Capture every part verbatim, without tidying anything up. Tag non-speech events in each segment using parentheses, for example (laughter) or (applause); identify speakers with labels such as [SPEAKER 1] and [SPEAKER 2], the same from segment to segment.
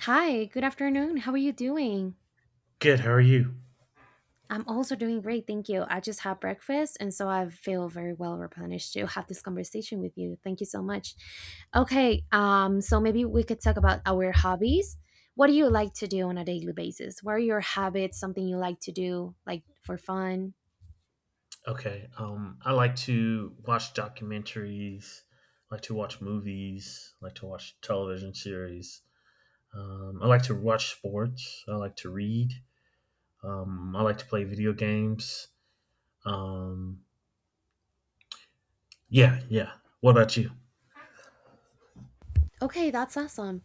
[SPEAKER 1] Hi, good afternoon. How are you doing?
[SPEAKER 2] Good. How are you?
[SPEAKER 1] I'm also doing great, thank you. I just had breakfast and so I feel very well replenished to have this conversation with you. Thank you so much. Okay, um so maybe we could talk about our hobbies. What do you like to do on a daily basis? What are your habits, something you like to do like for fun?
[SPEAKER 2] Okay. Um, I like to watch documentaries. I Like to watch movies. I Like to watch television series. Um, I like to watch sports. I like to read. Um, I like to play video games. Um, yeah, yeah. What about you?
[SPEAKER 1] Okay, that's awesome.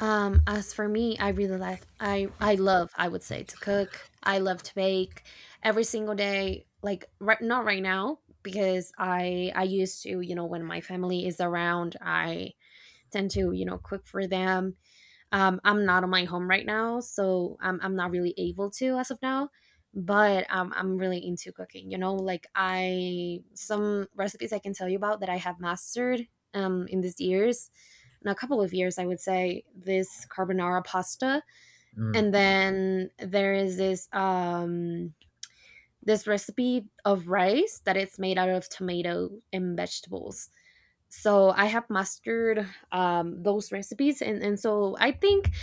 [SPEAKER 1] Um, as for me, I really like I I love, I would say, to cook. I love to bake every single day. Like right not right now because I I used to, you know, when my family is around, I tend to, you know, cook for them um, I'm not on my home right now, so I'm I'm not really able to as of now. But um, I'm really into cooking. You know, like I some recipes I can tell you about that I have mastered um, in these years, in a couple of years, I would say this carbonara pasta, and
[SPEAKER 2] Mm.
[SPEAKER 1] then there is this um, this recipe of rice that it's made out of tomato and vegetables, so I have mastered um, those recipes, and, and so I think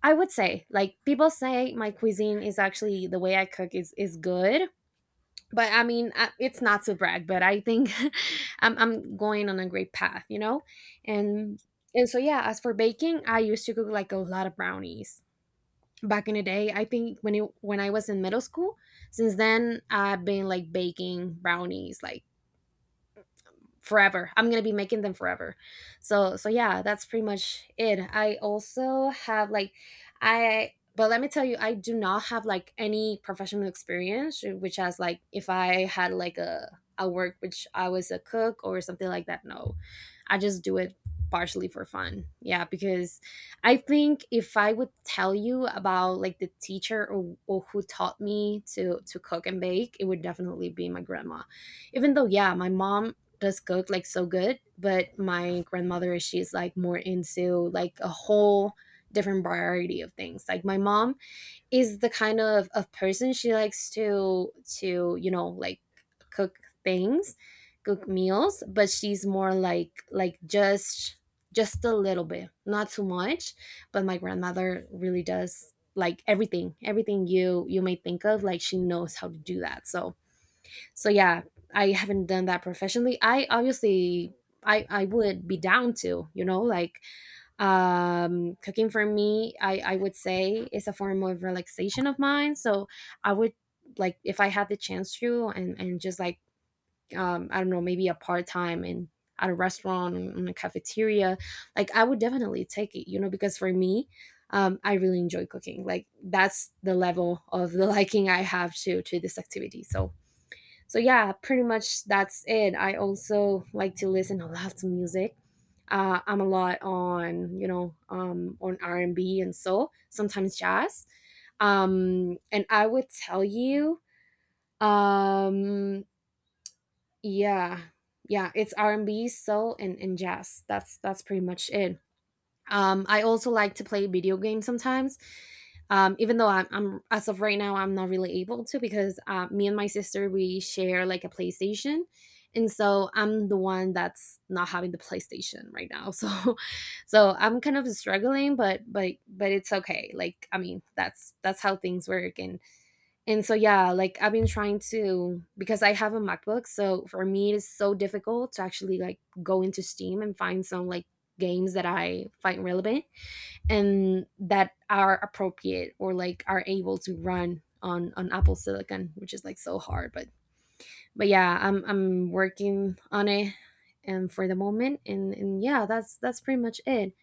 [SPEAKER 1] I would say, like people say, my cuisine is actually the way I cook is is good. But I mean, I, it's not to brag, but I think (laughs) I'm I'm going on a great path, you know, and and so yeah. As for baking, I used to cook like a lot of brownies back in the day. I think when it, when I was in middle school. Since then, I've been like baking brownies like forever. I'm gonna be making them forever. So so yeah, that's pretty much it. I also have like I but let me tell you, I do not have like any professional experience, eh, which has like if I had like a a work which I was a cook or something like that. No, I just do it partially for fun. Yeah, because I think if I would tell you about like the teacher or, or who taught me to to cook and bake, it would definitely be my grandma even though yeah my mom does cook like so good, but my grandmother she's like more into like a whole different variety of things. Like my mom is the kind of, of person she likes to to, you know, like cook things, cook meals, but she's more like like just just a little bit, not too much. But my grandmother really does like everything, everything you you may think of, like she knows how to do that. So so yeah, I haven't done that professionally. I obviously i i would be down to, you know, like um cooking for me i i would say is a form of relaxation of mine. So I would like if I had the chance to and and just like um I don't know, maybe a part-time in at a restaurant or in a cafeteria, like I would definitely take it, you know, because for me um I really enjoy cooking. Like that's the level of the (laughs) liking I have to to this activity. So so yeah, pretty much that's it. I also like to listen a lot to music. uh, I'm a lot on, you know, um, on R&B and B and soul, sometimes jazz, um, and I would tell you um, yeah, yeah, it's R&B, soul, and, and jazz. that's that's pretty much it. um, I also like to play video games sometimes. Um, even though I'm, I'm as of right now, I'm not really able to because uh, me and my sister we share like a PlayStation, and so I'm the one that's not having the PlayStation right now. (laughs) So, so I'm kind of struggling, but but but it's okay. Like I mean, that's that's how things work, and and so yeah, like I've been trying to because I have a MacBook, so for me it is so difficult to actually like go into Steam and find some like games that I find relevant and that are appropriate or like are able to run on on Apple Silicon, which is like so hard. But but yeah, I'm I'm working on it and for the moment and and yeah, that's that's pretty much it.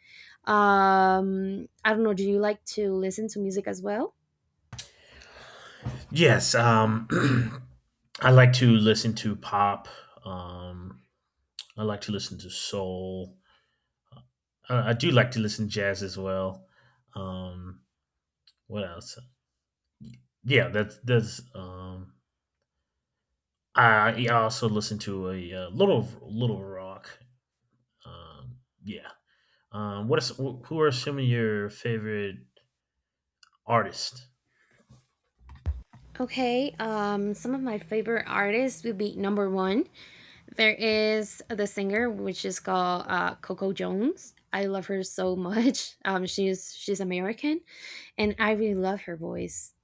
[SPEAKER 1] Um I don't know, do you like to listen to music as well?
[SPEAKER 2] Yes. Um, (clears throat) I like to listen to pop. Um, I like to listen to soul. I, I do like to listen to jazz as well. Um, what else? Yeah, that's that's. Um, I, I also listen to a, uh little little rock. Um, yeah. Um, what is wh- who are some of your favorite artists?
[SPEAKER 1] Okay, um, some of my favorite artists would be number one. There is the singer, which is called uh, Coco Jones. I love her so much. (laughs) Um, she's she's American, and I really love her voice.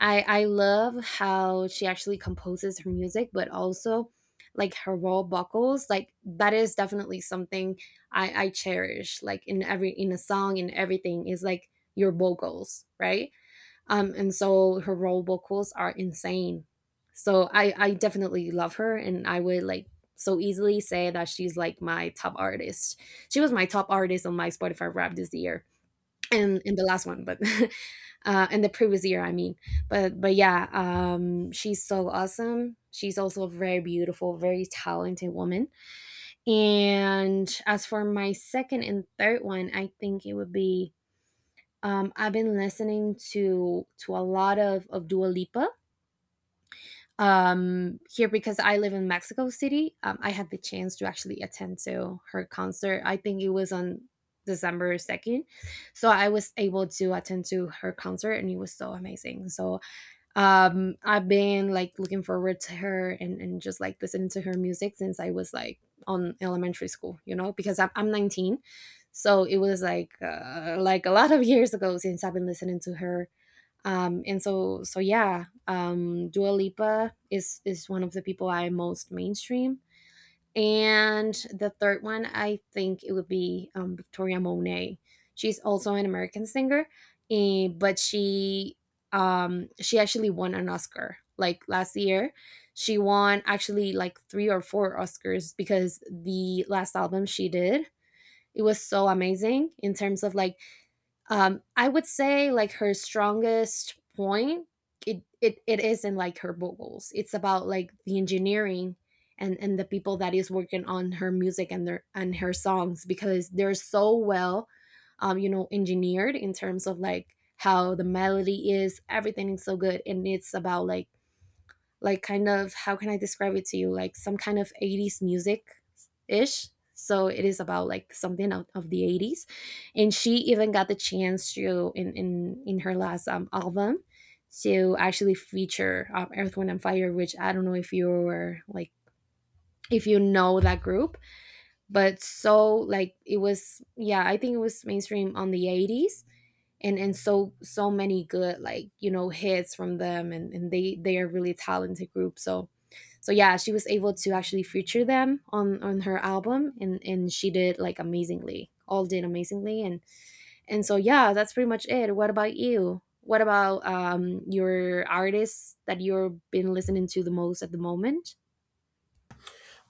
[SPEAKER 1] I I love how she actually composes her music, but also like her raw vocals. Like that is definitely something I I cherish. Like in every in a song in everything is like your vocals, right? Um, and so her role vocals are insane. So I, I definitely love her and I would like so easily say that she's like my top artist. She was my top artist on my Spotify Wrapped this year and in the last one, but (laughs) uh, in the previous year, I mean, but but yeah, um, she's so awesome. She's also a very beautiful, very talented woman. And as for my second and third one, I think it would be um, I've been listening to to a lot of of Dua Lipa um, here because I live in Mexico City. Um, I had the chance to actually attend to her concert. I think it was on December second, so I was able to attend to her concert, and it was so amazing. So um I've been like looking forward to her, and, and just like listening to her music since I was like on elementary school, you know, because i'm, I'm nineteen, so it was like uh, like a lot of years ago since I've been listening to her um and so so yeah, um Dua Lipa is is one of the people I most mainstream. And the third one, I think it would be um, Victoria Monet. She's also an American singer, eh, but she um, she actually won an Oscar like last year. She won actually like three or four Oscars because the last album she did, it was so amazing in terms of like um, I would say like her strongest point, it, it it is in like her vocals. It's about like the engineering and and the people that is working on her music and their and her songs because they're so well um you know engineered in terms of like how the melody is, everything is so good. And it's about like like kind of how can I describe it to you? Like some kind of eighties music ish. So it is about like something out of the eighties. And she even got the chance to in in, in her last um, album to actually feature um, Earth, Wind and Fire, which I don't know if you're like if you know that group, but so like it was yeah, I think it was mainstream on the eighties and and so so many good like you know hits from them, and, and they they are really talented group. So so yeah, she was able to actually feature them on on her album and and she did like amazingly, all did amazingly. and and so yeah, that's pretty much it. What about you? What about um your artists that you've been listening to the most at the moment?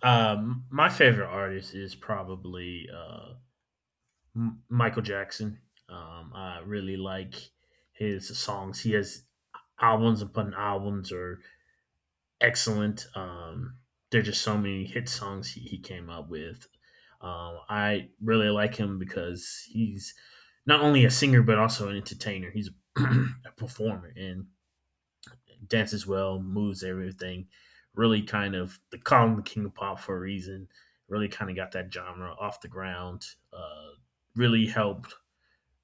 [SPEAKER 2] Um, my favorite artist is probably uh, M- Michael Jackson. Um, I really like his songs. He has albums upon albums, or excellent. Um, there are just so many hit songs he, he came up with. Um, I really like him because he's not only a singer but also an entertainer. He's (clears throat) a performer and dances well, moves everything. Really kind of they call him the king of pop for a reason. Really kind of got that genre off the ground. Uh, really helped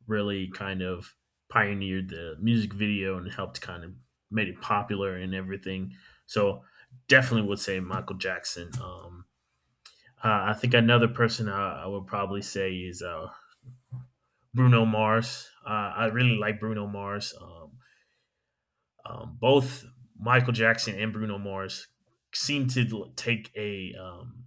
[SPEAKER 2] really kind of pioneered the music video and helped kind of made it popular and everything. So definitely would say Michael Jackson. Um, uh, I think another person I, I would probably say is uh, Bruno Mars. Uh, I really like Bruno Mars. Um, um, both Michael Jackson and Bruno Mars seem to take a um,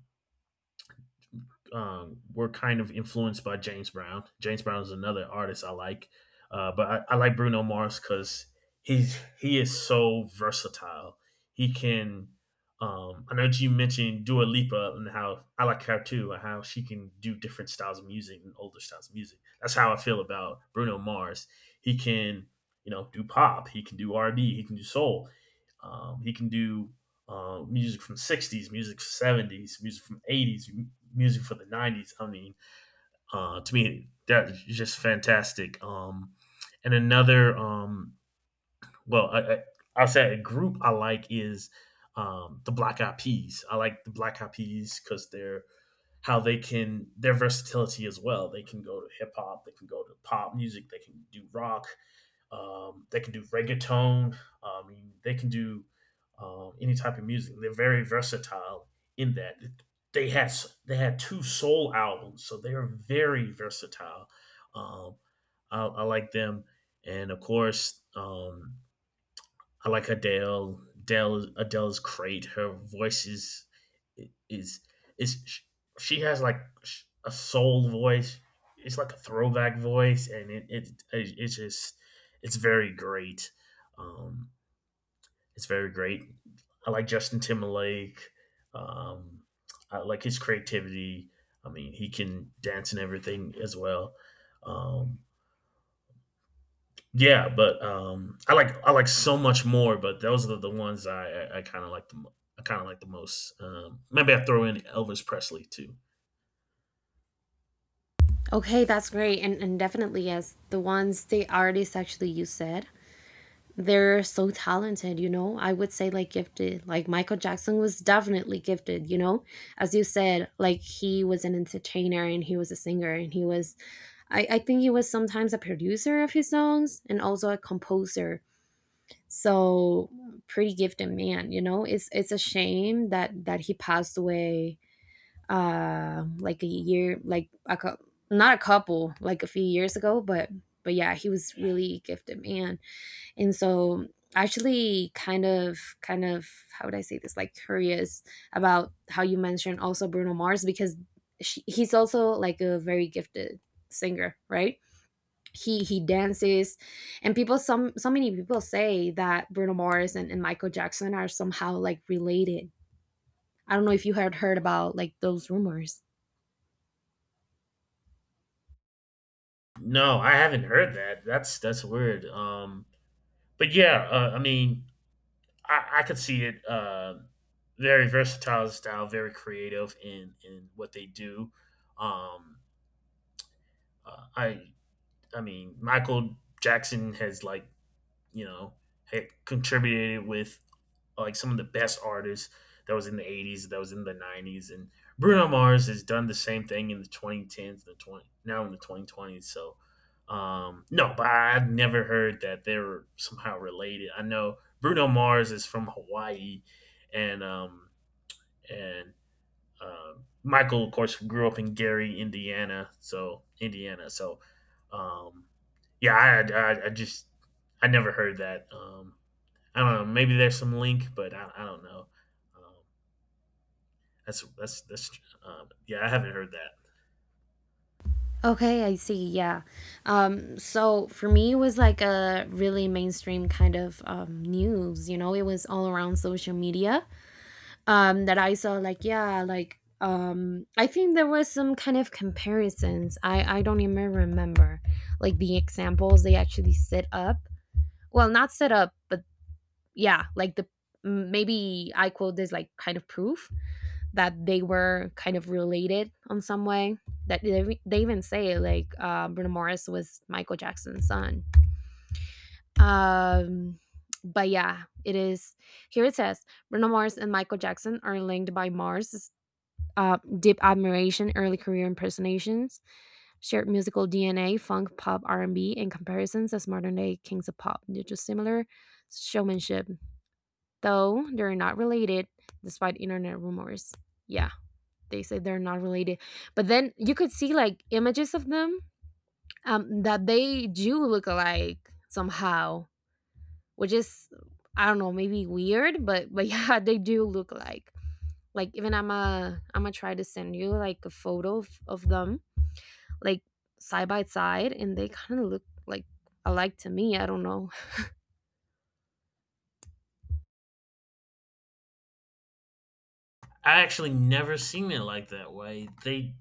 [SPEAKER 2] um, were kind of influenced by James Brown. James Brown is another artist I like, uh, but I, I like Bruno Mars because he's he is so versatile. He can. Um, I know you mentioned Dua Lipa and how I like her too, and how she can do different styles of music and older styles of music. That's how I feel about Bruno Mars. He can, you know, do pop. He can do R and B. He can do soul. Um, he can do uh, music from sixties, music from seventies, music from eighties, music for the nineties. I mean, uh, to me, that's just fantastic. Um, and another, um, well, I, I, I'll say a group I like is um, the Black Eyed Peas. I like the Black Eyed Peas because they're how they can their versatility as well. They can go to hip hop, they can go to pop music, they can do rock, um, they can do reggaeton. I mean, they can do uh, any type of music. They're very versatile in that. They had they had two soul albums, so they are very versatile. Um, I, I like them, and of course, um, I like Adele. Adele Adele's great. Her voice is is is She has like a soul voice. It's like a throwback voice, and it it, it it's just it's very great. Um, it's very great. I like Justin Timberlake. Um, I like his creativity. I mean, he can dance and everything as well. Um, yeah, but um, I like I like so much more, but those are the ones I I, I kind of like the mo- I kind of like the most. Um, maybe I throw in Elvis Presley too.
[SPEAKER 1] Okay, that's great. and and definitely yes, the ones the artists actually you said, they're so talented, you know. I would say like gifted. Like Michael Jackson was definitely gifted, you know. As you said, like he was an entertainer and he was a singer and he was I, I think he was sometimes a producer of his songs and also a composer. So pretty gifted man, you know. It's it's a shame that that he passed away uh like a year like a cou- not a couple like a few years ago, but but yeah, he was really gifted man. And so actually kind of kind of how would I say this, like curious about how you mentioned also Bruno Mars because she, he's also like a very gifted singer, right? He he dances and people some so many people say that Bruno Mars and, and Michael Jackson are somehow like related. I don't know if you had heard about like those rumors.
[SPEAKER 2] No, I haven't heard that. That's that's weird. Um, but yeah, uh, I mean, I, I could see it. Uh, very versatile style, very creative in in what they do. Um, uh, I I mean, Michael Jackson has like you know, had contributed with like some of the best artists that was in the eighties, that was in the nineties. And Bruno Mars has done the same thing in the twenty tens, the twenty now in the twenty twenties. So, um, no, but I've never heard that they were somehow related. I know Bruno Mars is from Hawaii, and um, and um, Michael, of course, grew up in Gary, Indiana, so Indiana. So, um, yeah, I, I, I just I never heard that. Um, I don't know. Maybe there's some link, but I, I don't know. Um, that's that's that's um, yeah. I haven't heard that.
[SPEAKER 1] Okay, I see. Yeah. Um, so for me, it was like a really mainstream kind of um, news. You know, it was all around social media um, that I saw. Like, yeah, like um, I think there was some kind of comparisons. I I don't even remember like the examples they actually set up. Well, not set up, but yeah, like the maybe I quote this like kind of proof that they were kind of related on some way. That they, they even say like uh, Bruno Mars was Michael Jackson's son. Um, but yeah, it is. Here it says Bruno Mars and Michael Jackson are linked by Mars' uh, deep admiration, early career impersonations, shared musical D N A, funk, pop, R and B, and B, and comparisons as modern-day kings of pop due to similar showmanship, though they're not related, despite internet rumors. Yeah, they say they're not related, but then you could see like images of them, um, that they do look alike somehow, which is, I don't know, maybe weird, but but (laughs) yeah, they do look alike. Like, even i'm a i'm gonna try to send you like a photo of, of them, like side by side, and they kind of look like alike to me, I don't know.
[SPEAKER 2] I actually never seen it like that way. They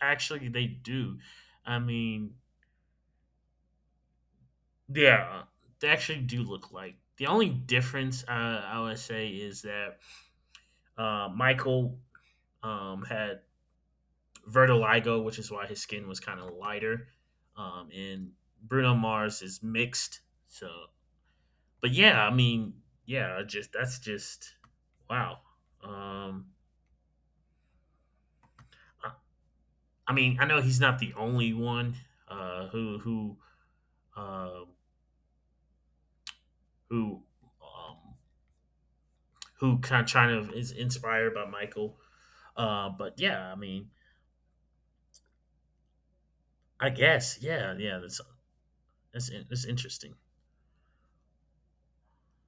[SPEAKER 2] actually they do. I mean, yeah, they actually do look like. The only difference uh, I would say is that uh, Michael um, had vertiligo, which is why his skin was kind of lighter. Um, and Bruno Mars is mixed. So, but yeah, I mean, yeah, just that's just wow. Um, I, I mean, I know he's not the only one uh, who who uh, who um, who kind of trying to is inspired by Michael. Uh, but yeah, I mean, I guess yeah, yeah, that's that's in- that's interesting.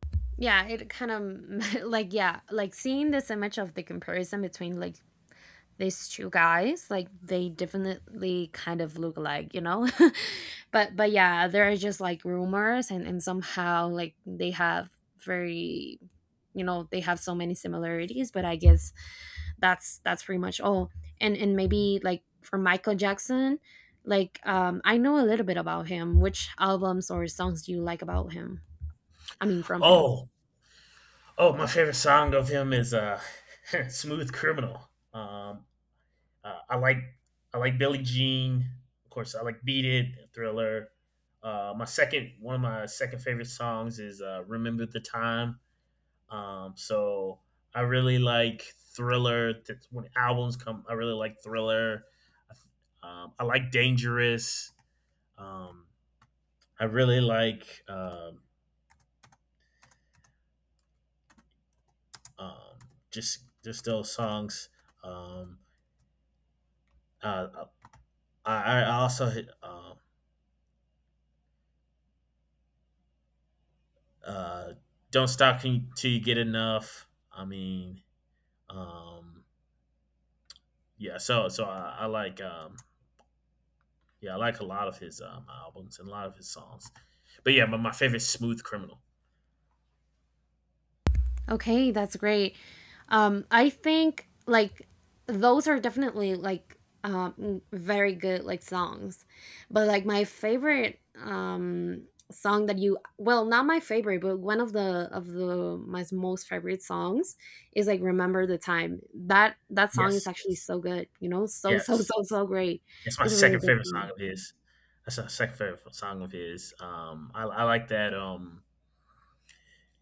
[SPEAKER 1] (laughs) Yeah, it kind of (laughs) like yeah, like seeing this image of the comparison between like these two guys, like they definitely kind of look alike, you know. (laughs) but but yeah, there are just like rumors, and and somehow like they have very, you know, they have so many similarities, but I guess that's that's pretty much all. And and maybe like for Michael Jackson, like um I know a little bit about him. Which albums or songs do you like about him? I mean from him.
[SPEAKER 2] Oh, oh, my favorite song of him is uh, (laughs) "Smooth Criminal." Um, uh, I like I like Billie Jean, of course. I like "Beat It," Thriller. Uh, my second one of my second favorite songs is uh, "Remember the Time." Um, so I really like Thriller. That's when albums come, I really like Thriller. Um, I like Dangerous. Um, I really like um, um, just just those songs. Um, uh, I, I also um uh, don't stop until you get enough. I mean, um, yeah. So so I, I like um, yeah I like a lot of his um, albums and a lot of his songs. But yeah, my, my favorite is Smooth Criminal.
[SPEAKER 1] Okay, that's great. um I think like those are definitely like um very good like songs. But like my favorite um song that you, well, not my favorite, but one of the of the my most favorite songs is like Remember the Time. That that song is
[SPEAKER 2] Yes,
[SPEAKER 1] actually so good, you know, so so
[SPEAKER 2] yes.
[SPEAKER 1] so so great.
[SPEAKER 2] It's my
[SPEAKER 1] It's a really
[SPEAKER 2] second
[SPEAKER 1] good
[SPEAKER 2] favorite
[SPEAKER 1] song.
[SPEAKER 2] song of his. That's my second favorite song of his. Um, I, I like that. Um,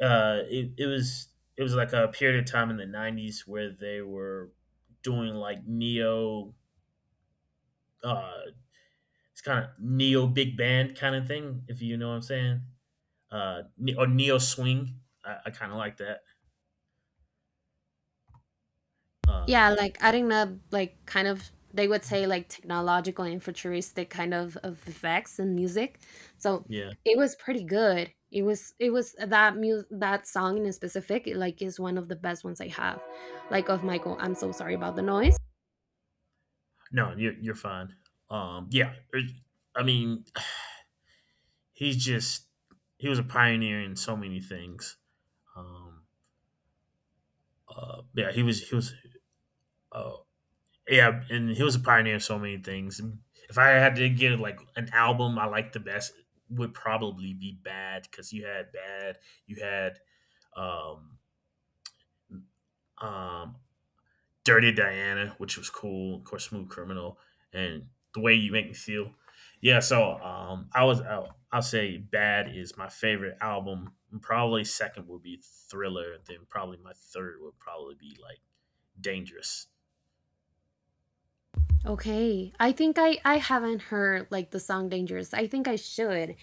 [SPEAKER 2] uh, it, it was it was like a period of time in the nineties where they were doing like neo. Uh, it's kind of neo big band kind of thing, if you know what I'm saying. Uh, or neo swing. I, I kind of like that. Um,
[SPEAKER 1] Yeah, like adding up, like kind of, they would say like technological and futuristic kind of, of effects and music. So
[SPEAKER 2] yeah.
[SPEAKER 1] it was pretty good. It was it was that mu- that song in specific. It, like, is one of the best ones I have, like of Michael. I'm so sorry about the noise.
[SPEAKER 2] No, you're you're fine. Um, yeah. Er, I mean, (sighs) he's just he was a pioneer in so many things. Um, uh, yeah, he was he was. Uh, yeah, and he was a pioneer in so many things. If I had to give like an album I like the best, it would probably be Bad because you had Bad, you had um, um, Dirty Diana, which was cool. Of course, Smooth Criminal, and the way you make me feel. Yeah, so um, I was I'll, I'll say Bad is my favorite album. Probably second would be Thriller. Then probably my third would probably be like Dangerous.
[SPEAKER 1] Okay, I think I I haven't heard like the song Dangerous. I think I should.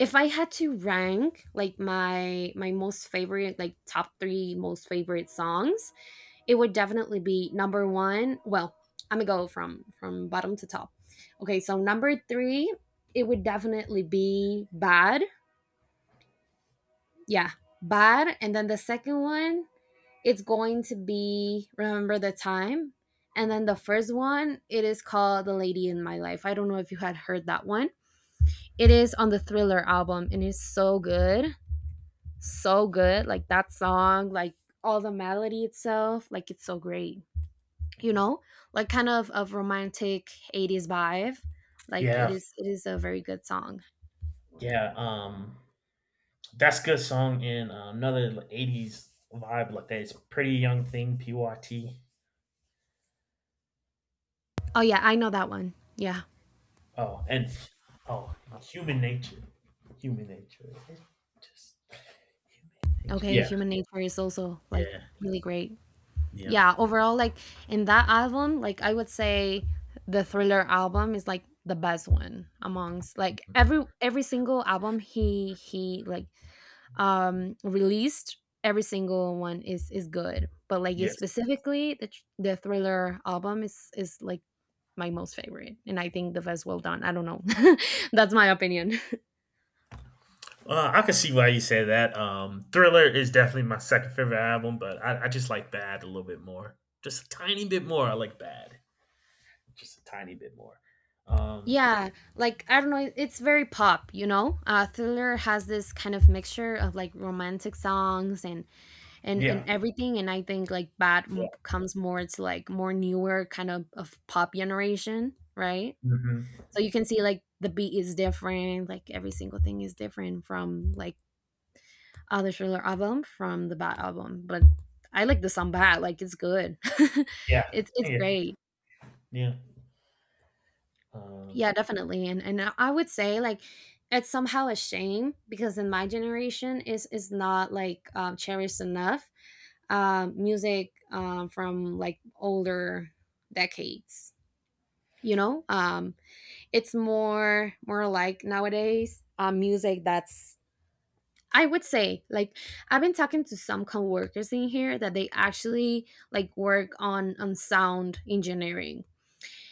[SPEAKER 1] If I had to rank like my my most favorite like top three most favorite songs, it would definitely be number one. Well, I'm gonna go from from bottom to top. Okay, so number three, it would definitely be Bad. Yeah, Bad. And then the second one, it's going to be Remember the Time. And then the first one, it is called The Lady in My Life. I don't know if you had heard that one. It is on the Thriller album and it's so good. So good. Like that song, like all the melody itself, like it's so great, you know, like kind of of romantic eighties vibe. Like it
[SPEAKER 2] Yeah,
[SPEAKER 1] is it is a very good song.
[SPEAKER 2] yeah. Um, that's a good song and uh, another eighties vibe like that. It's Pretty Young Thing, P Y T.
[SPEAKER 1] Oh, yeah, I know that one, yeah.
[SPEAKER 2] Oh, and oh, Human Nature, Human Nature. Just human nature.
[SPEAKER 1] Okay,
[SPEAKER 2] Yeah,
[SPEAKER 1] Human Nature is also like
[SPEAKER 2] yeah,
[SPEAKER 1] really great.
[SPEAKER 2] yeah.
[SPEAKER 1] Yeah, overall, like in that album, like I would say the Thriller album is like the best one amongst like
[SPEAKER 2] Mhm.
[SPEAKER 1] every every single album he he like um released. Every single one is is good, but like yeah,
[SPEAKER 2] Yes.
[SPEAKER 1] specifically the, tr- the Thriller album is is like my most favorite and I think the best well done, I don't know. (laughs) That's my opinion.
[SPEAKER 2] Uh, I can see why you say that. Um, Thriller is definitely my second favorite album, but I, I just like Bad a little bit more. Just a tiny bit more. I like Bad. Just a tiny bit more. Um,
[SPEAKER 1] Yeah, like I don't know, it- it's very pop, you know. uh Thriller has this kind of mixture of like romantic songs and and and
[SPEAKER 2] yeah,
[SPEAKER 1] everything. And I think like bad
[SPEAKER 2] yeah.
[SPEAKER 1] m- comes more to like more newer kind of of pop generation, right?
[SPEAKER 2] Hmm.
[SPEAKER 1] So you can see like the beat is different, like every single thing is different from like other Thriller album from the Bad album. But I like the song Bad, like it's good. (laughs)
[SPEAKER 2] Yeah,
[SPEAKER 1] it's it's
[SPEAKER 2] yeah,
[SPEAKER 1] great.
[SPEAKER 2] yeah. Um,
[SPEAKER 1] Yeah, definitely. And and I I would say like it's somehow a shame because in my generation is is not like um, cherished enough um, music um, from like older decades. You know, um, it's more more like nowadays um, music that's, I would say like, I've been talking to some coworkers in here that they actually like work on on sound engineering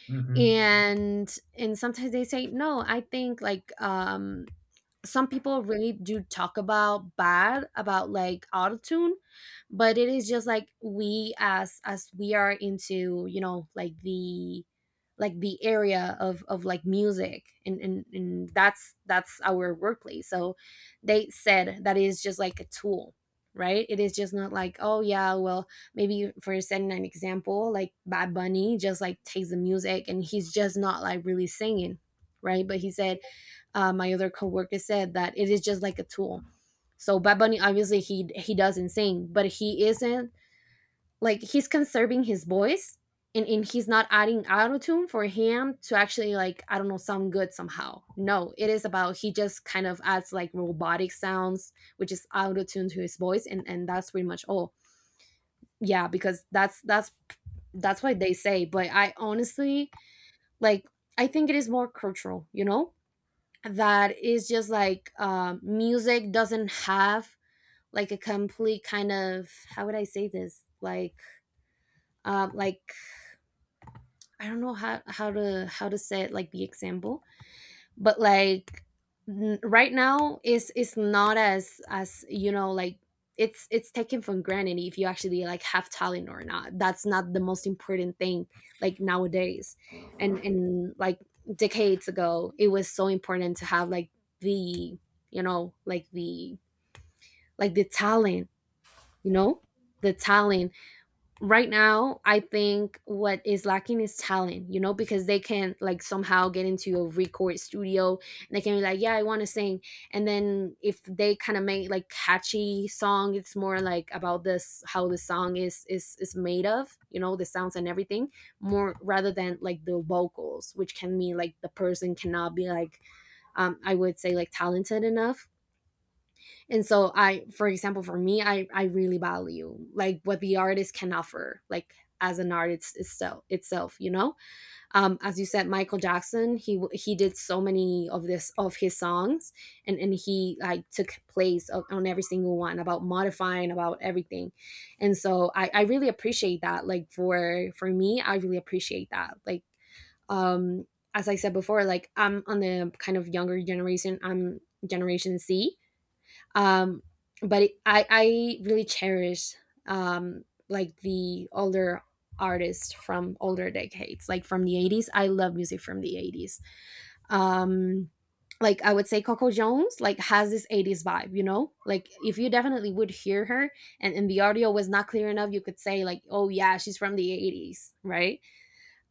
[SPEAKER 2] hmm
[SPEAKER 1] and and sometimes they say no, I think like um some people really do talk about bad about like autotune. But it is just like we as as we are into, you know, like the like the area of of like music and and, and that's that's our workplace. So they said that is just like a tool, right? It is just not like, oh yeah, well, maybe for setting an example like Bad Bunny just like takes the music and he's just not like really singing, right? But he said uh, my other coworker said that it is just like a tool. So Bad Bunny, obviously, he he doesn't sing, but he isn't, like, he's conserving his voice, and and he's not adding auto tune for him to actually, like, I don't know, sound good somehow. No, it is about he just kind of adds like robotic sounds, which is auto tune to his voice, and and that's pretty much all. Yeah, because that's that's that's what they say. But I honestly, like, I think it is more cultural, you know, that is just like um, music doesn't have like a complete kind of, how would I say this, like um, like I don't know how how to how to say it, like the example. But like n- right now is, it's not as as you know like it's it's taken for granted if you actually like have talent or not, that's not the most important thing, like nowadays. And and like decades ago it was so important to have like the, you know, like the like the talent, you know, the talent. Right now I think what is lacking is talent, you know, because they can, like, somehow get into a record studio and they can be like, yeah, I want to sing. And then if they kind of make like catchy song, it's more like about this, how the song is is is made of, you know, the sounds and everything, more rather than like the vocals, which can mean like the person cannot be like um I would say like talented enough. And so I, for example, for me, i i really value like what the artist can offer, like as an artist itself itself, you know. Um as you said, Michael Jackson, he w- he did so many of this of his songs, and and he like took place of, on every single one about modifying, about everything. And so i i really appreciate that, like for for me, I really appreciate that, like um as I said before, like I'm on the kind of younger generation. I'm generation c, um but it, i i really cherish um like the older artists from older decades, like from the eighties. I love music from the eighties, um like I would say Coco Jones like has this eighties vibe, you know, like if you definitely would hear her and, and the audio was not clear enough, you could say like, oh yeah, she's from the eighties, right?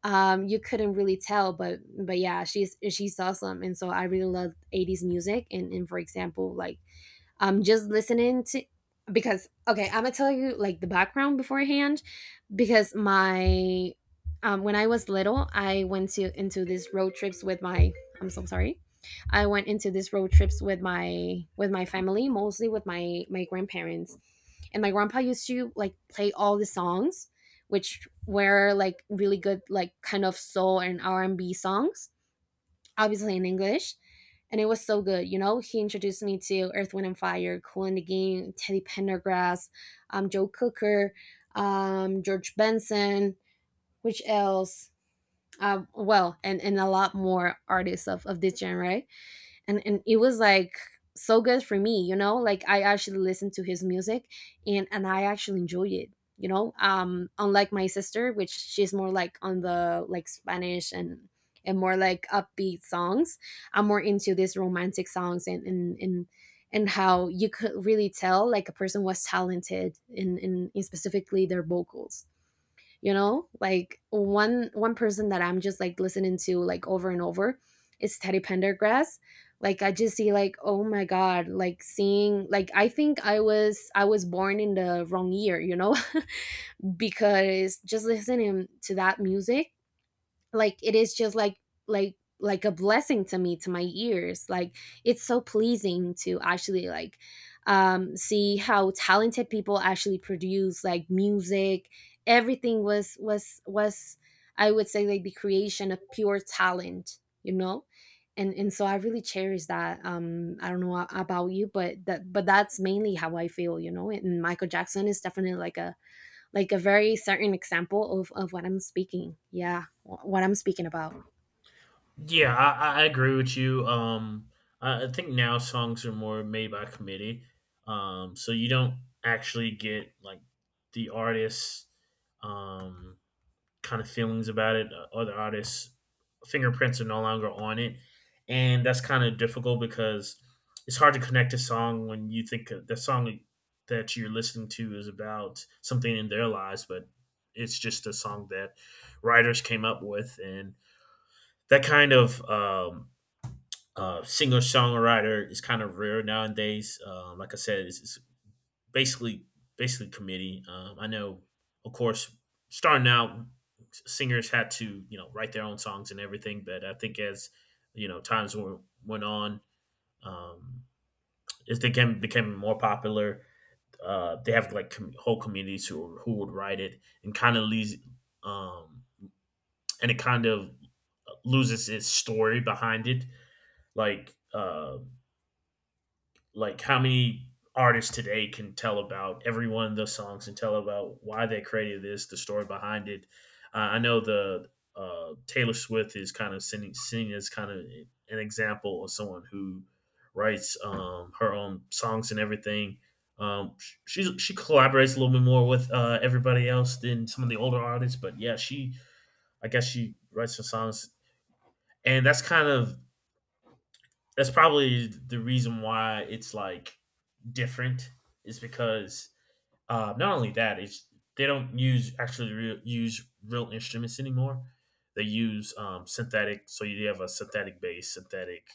[SPEAKER 1] um You couldn't really tell, but but yeah, she's she's awesome. And so I really love eighties music. And and for example, like um just listening to, because, okay, I'm gonna tell you like the background beforehand, because my, um when I was little I went to into these road trips with my, I'm so sorry, I went into these road trips with my with my family, mostly with my my grandparents. And my grandpa used to like play all the songs which were like really good, like kind of soul and R and B songs, obviously in English. And it was so good, you know. He introduced me to Earth, Wind, and Fire, Cool and the Game, Teddy Pendergrass, um, Joe Cooker, um, George Benson, which else? Um, well, and, and a lot more artists of, of this genre and and it was like so good for me, you know, like I actually listened to his music and and I actually enjoyed it you know um Unlike my sister, which she's more like on the like Spanish and and more like upbeat songs. I'm more into these romantic songs and and and and how you could really tell like a person was talented in in, in specifically their vocals, you know, like one one person that I'm just like listening to like over and over is Teddy Pendergrass. Like I just see like, oh my god, like seeing like I think i was i was born in the wrong year, you know. (laughs) Because just listening to that music, like it is just like like like a blessing to me, to my ears. Like it's so pleasing to actually like um see how talented people actually produce like music. Everything was was was I would say, like the creation of pure talent, you know. And and so I really cherish that um I don't know a- about you, but that but that's mainly how I feel, you know. And Michael Jackson is definitely like a like a very certain example of, of what I'm speaking. Yeah, wh- what I'm speaking about.
[SPEAKER 2] Yeah, I, I I agree with you. Um, I, I think now songs are more made by committee. Um, so you don't actually get like the artists. Um, kind of feelings about it. Uh, Other artists' fingerprints are no longer on it, and that's kind of difficult because it's hard to connect a song when you think of- the song that you're listening to is about something in their lives, but it's just a song that writers came up with, and that kind of um, uh, singer songwriter is kind of rare nowadays. Um, like I said, it's, it's basically basically committee. Um, I know, of course, starting out, singers had to you know write their own songs and everything, but I think as you know times went went on, um, as they became became more popular, uh, they have like com- whole communities who who would write it and kind of leaves, um, and it kind of loses its story behind it, like. Uh, Like how many artists today can tell about every one of those songs and tell about why they created this, the story behind it. Uh, I know the uh, Taylor Swift is kind of sending, seen as kind of an example of someone who writes um, her own songs and everything. Um, she she collaborates a little bit more with uh, everybody else than some of the older artists, but yeah, she I guess she writes her songs, and that's kind of that's probably the reason why it's like different is because uh, not only that it's they don't use actually real, use real instruments anymore. They use um, synthetic, so you have a synthetic bass, synthetic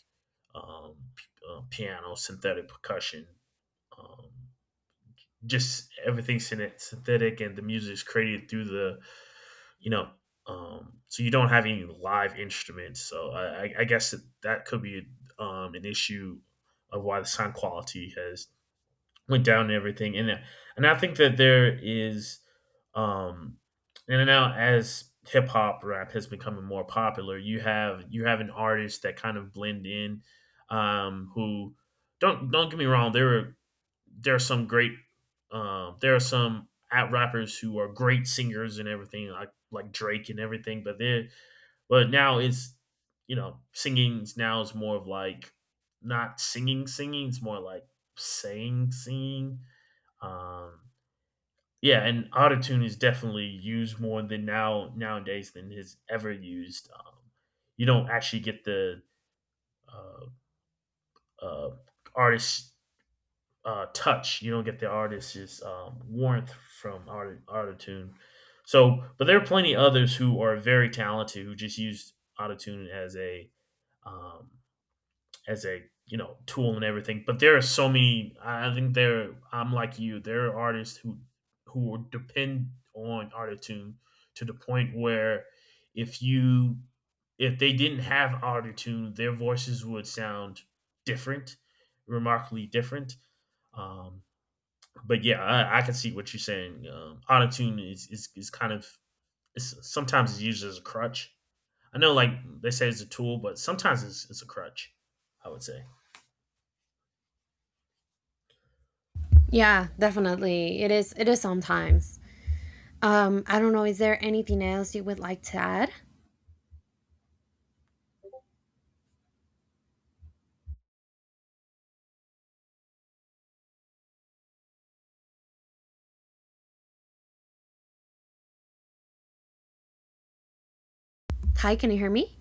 [SPEAKER 2] um, p- uh, piano, synthetic percussion, um, just everything synthetic, and the music is created through the, you know, um, so you don't have any live instruments. So I, I- guess that, that could be um, an issue of why the sound quality has went down and everything. And and I think that there is, um, and now as hip hop rap has become more popular, you have you have an artist that kind of blend in, um, who don't don't get me wrong, there are there are some great, um, there are some at rappers who are great singers and everything like like Drake and everything, but they but now it's you know singing now is more of like not singing singing it's more like saying singing. um, yeah, and autotune is definitely used more than now nowadays than is ever used. Um, you don't actually get the uh, uh, artist's uh, touch. You don't get the artist's um, warmth from art- autotune. So, but there are plenty others who are very talented who just use autotune as a, um, as a, you know tool and everything, but there are so many. I think there I'm like you, there are artists who who depend on autotune to the point where if you if they didn't have autotune, their voices would sound different, remarkably different. um but yeah, i, I can see what you're saying. Um autotune is, is is kind of, it's, sometimes it's used as a crutch. I know, like, they say it's a tool but sometimes it's, it's a crutch, I would say.
[SPEAKER 1] Yeah, definitely. It is it is sometimes. Um, I don't know, is there anything else you would like to add? Hi, can you hear me?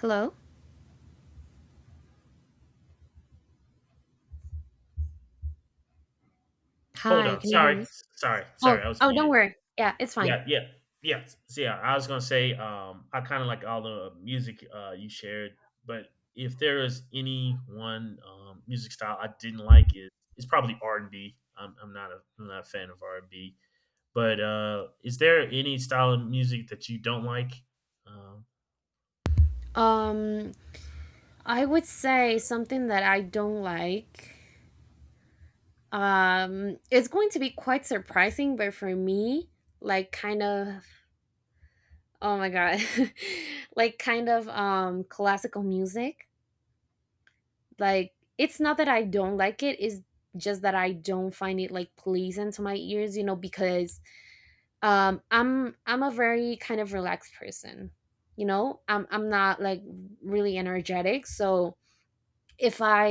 [SPEAKER 1] Hello?
[SPEAKER 2] Hold
[SPEAKER 1] Hi,
[SPEAKER 2] on.
[SPEAKER 1] can you hear
[SPEAKER 2] Sorry.
[SPEAKER 1] me?
[SPEAKER 2] Sorry.
[SPEAKER 1] Oh,
[SPEAKER 2] Sorry. I was
[SPEAKER 1] oh, don't
[SPEAKER 2] muted.
[SPEAKER 1] worry. Yeah, it's fine.
[SPEAKER 2] Yeah. Yeah. Yeah. So, yeah. I was going to say, um, I kind of like all the music uh, you shared, but if there is any one um, music style I didn't like, it, it's probably R and B. Am I'm not a, I'm not a fan of R and B, but uh, is there any style of music that you don't like? Um,
[SPEAKER 1] Um, I would say something that I don't like. Um, it's going to be quite surprising, but for me, like kind of, oh my god. (laughs) Like kind of um classical music, like it's not that I don't like it, it's just that I don't find it like pleasing to my ears, you know, because um i'm i'm a very kind of relaxed person, you know. I'm i'm not like really energetic. So if I,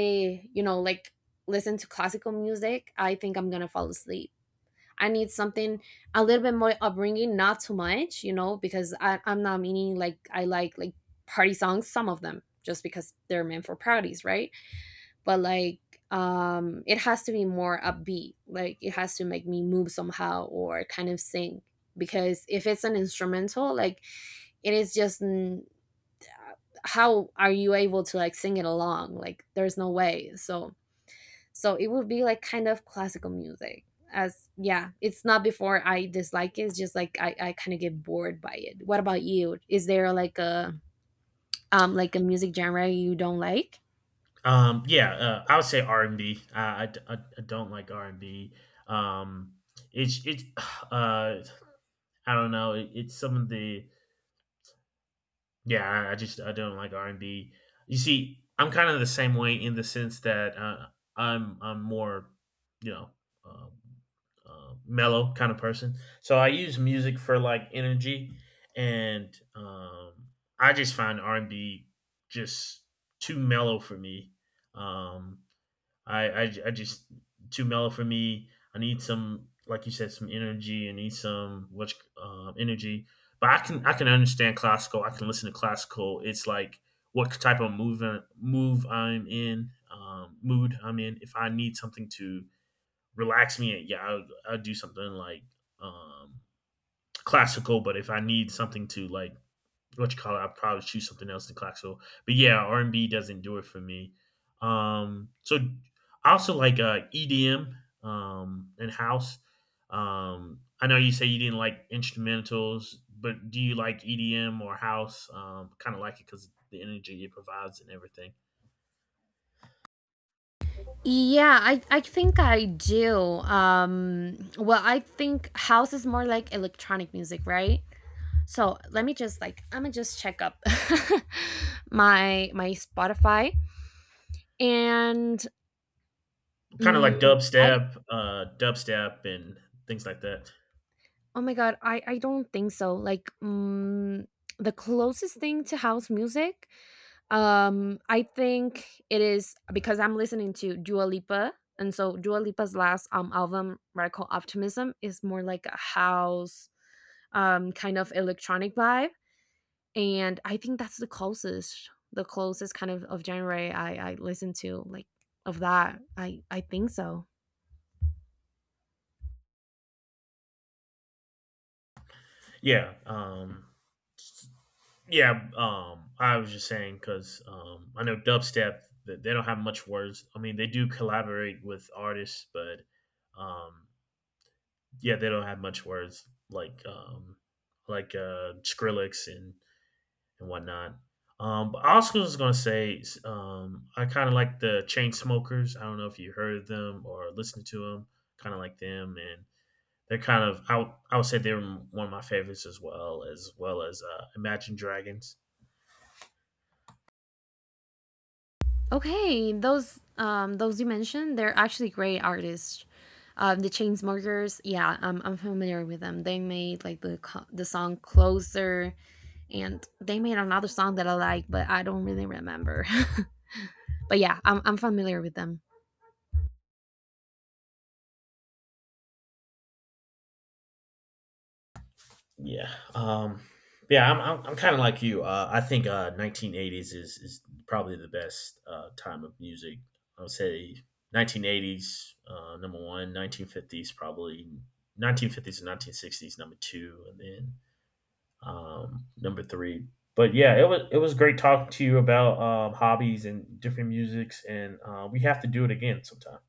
[SPEAKER 1] you know, like listen to classical music, I think I'm gonna fall asleep. I need something a little bit more upbringing, not too much, you know, because I, i'm not meaning like I like like party songs, some of them, just because they're meant for parties, right? But like um it has to be more upbeat. Like it has to make me move somehow or kind of sing. Because if it's an instrumental, like it is just n- uh, how are you able to like sing it along? Like there's no way. So so it would be like kind of classical music. As, yeah, it's not before I dislike it, it's just like i, I kind of get bored by it. What about you? Is there like a um like a music genre you don't like?
[SPEAKER 2] um, yeah, uh, I would say R and B. I, I d- I- I don't like R and B. Um, it's, it's, (sighs) uh, I don't know. It, it's some of the, yeah. I- just I don't like R and B. You see, I'm kind of the same way in the sense that uh, I'm I'm more, you know um, uh, mellow kind of person. So I use music for like energy, and um, I just find R and B just too mellow for me. Um, I I I just too mellow for me. I need some, like you said, some energy. I need some much um, energy. But I can I can understand classical. I can listen to classical. It's like what type of move uh, move I'm in, um, mood I'm in. If I need something to relax me, yeah, I'll, I'll do something like, um, classical. But if I need something to like what you call it, I'd probably choose something else than Claxo. But yeah, R and B doesn't do it for me. Um, so I also like uh, E D M, um, and house. Um, I know you say you didn't like instrumentals, but do you like E D M or house? Um, kind of like it because the energy it provides and everything.
[SPEAKER 1] Yeah, I I think I do. Um, well, I think house is more like electronic music, right? So, let me just like I'm going to just check up (laughs) my my Spotify and
[SPEAKER 2] Kind of like
[SPEAKER 1] mm I
[SPEAKER 2] dubstep, uh, dubstep, and things like that.
[SPEAKER 1] oh my god, I I don't think so. Like, mm, the closest thing to house music, um, I think it is because I'm listening to Dua Lipa, and so Dua Lipa's last um album, Radical Optimism, is more like a house um, kind of electronic vibe. And I think that's the closest, the closest kind of, of genre I, I listen to, like of that. I, I think so.
[SPEAKER 2] Yeah. Um, Yeah, um, I was just saying because um, I know dubstep that they don't have much words. I mean, they do collaborate with artists, but um, yeah, they don't have much words, like, um, like uh, Skrillex and and whatnot. Um, but I also was gonna say s- um, I kind of like the Chain Smokers. I don't know if you heard of them or listened to them. Kind of like them, and they're kind of, I would I would say they're one of my favorites, as well as well as uh, Imagine Dragons.
[SPEAKER 1] Okay, those um those you mentioned, they're actually great artists. Um, The Chainsmokers, yeah, I'm, I'm familiar with them. They made like the co- the song Closer, and they made another song that I like, but I don't really remember. (laughs) But yeah, I'm I'm familiar with them.
[SPEAKER 2] Yeah. Um, yeah, I'm, I'm, I'm kind of like you. Uh, I think uh, nineteen eighties is, is probably the best uh, time of music. I would say nineteen eighties, uh, number one, nineteen fifties, probably nineteen fifties and nineteen sixties, number two, and then um, number three. But yeah, it was it was great talking to you about um, hobbies and different musics, and uh, we have to do it again sometime.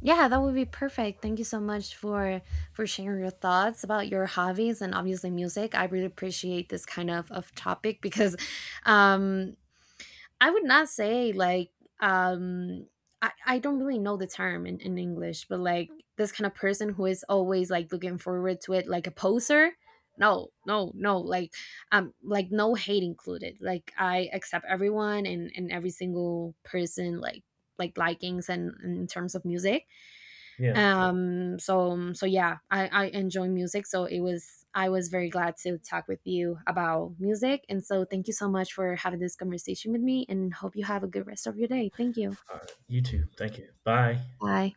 [SPEAKER 1] Yeah, that would be perfect. Thank you so much for for sharing your thoughts about your hobbies and obviously music. I really appreciate this kind of of topic because um I would not say like um I, I don't really know the term in, in English, but like this kind of person who is always like looking forward to it, like a poser. No, no, no, like um like no hate included. Like I accept everyone and, and every single person like like likings, and, and in terms of music
[SPEAKER 2] Yeah.
[SPEAKER 1] um so so yeah, i i enjoy music, so it was, I was very glad to talk with you about music. And so thank you so much for having this conversation with me, and hope you have a good rest of your day. Thank you.
[SPEAKER 2] All right. You too. Thank you. Bye.
[SPEAKER 1] Bye.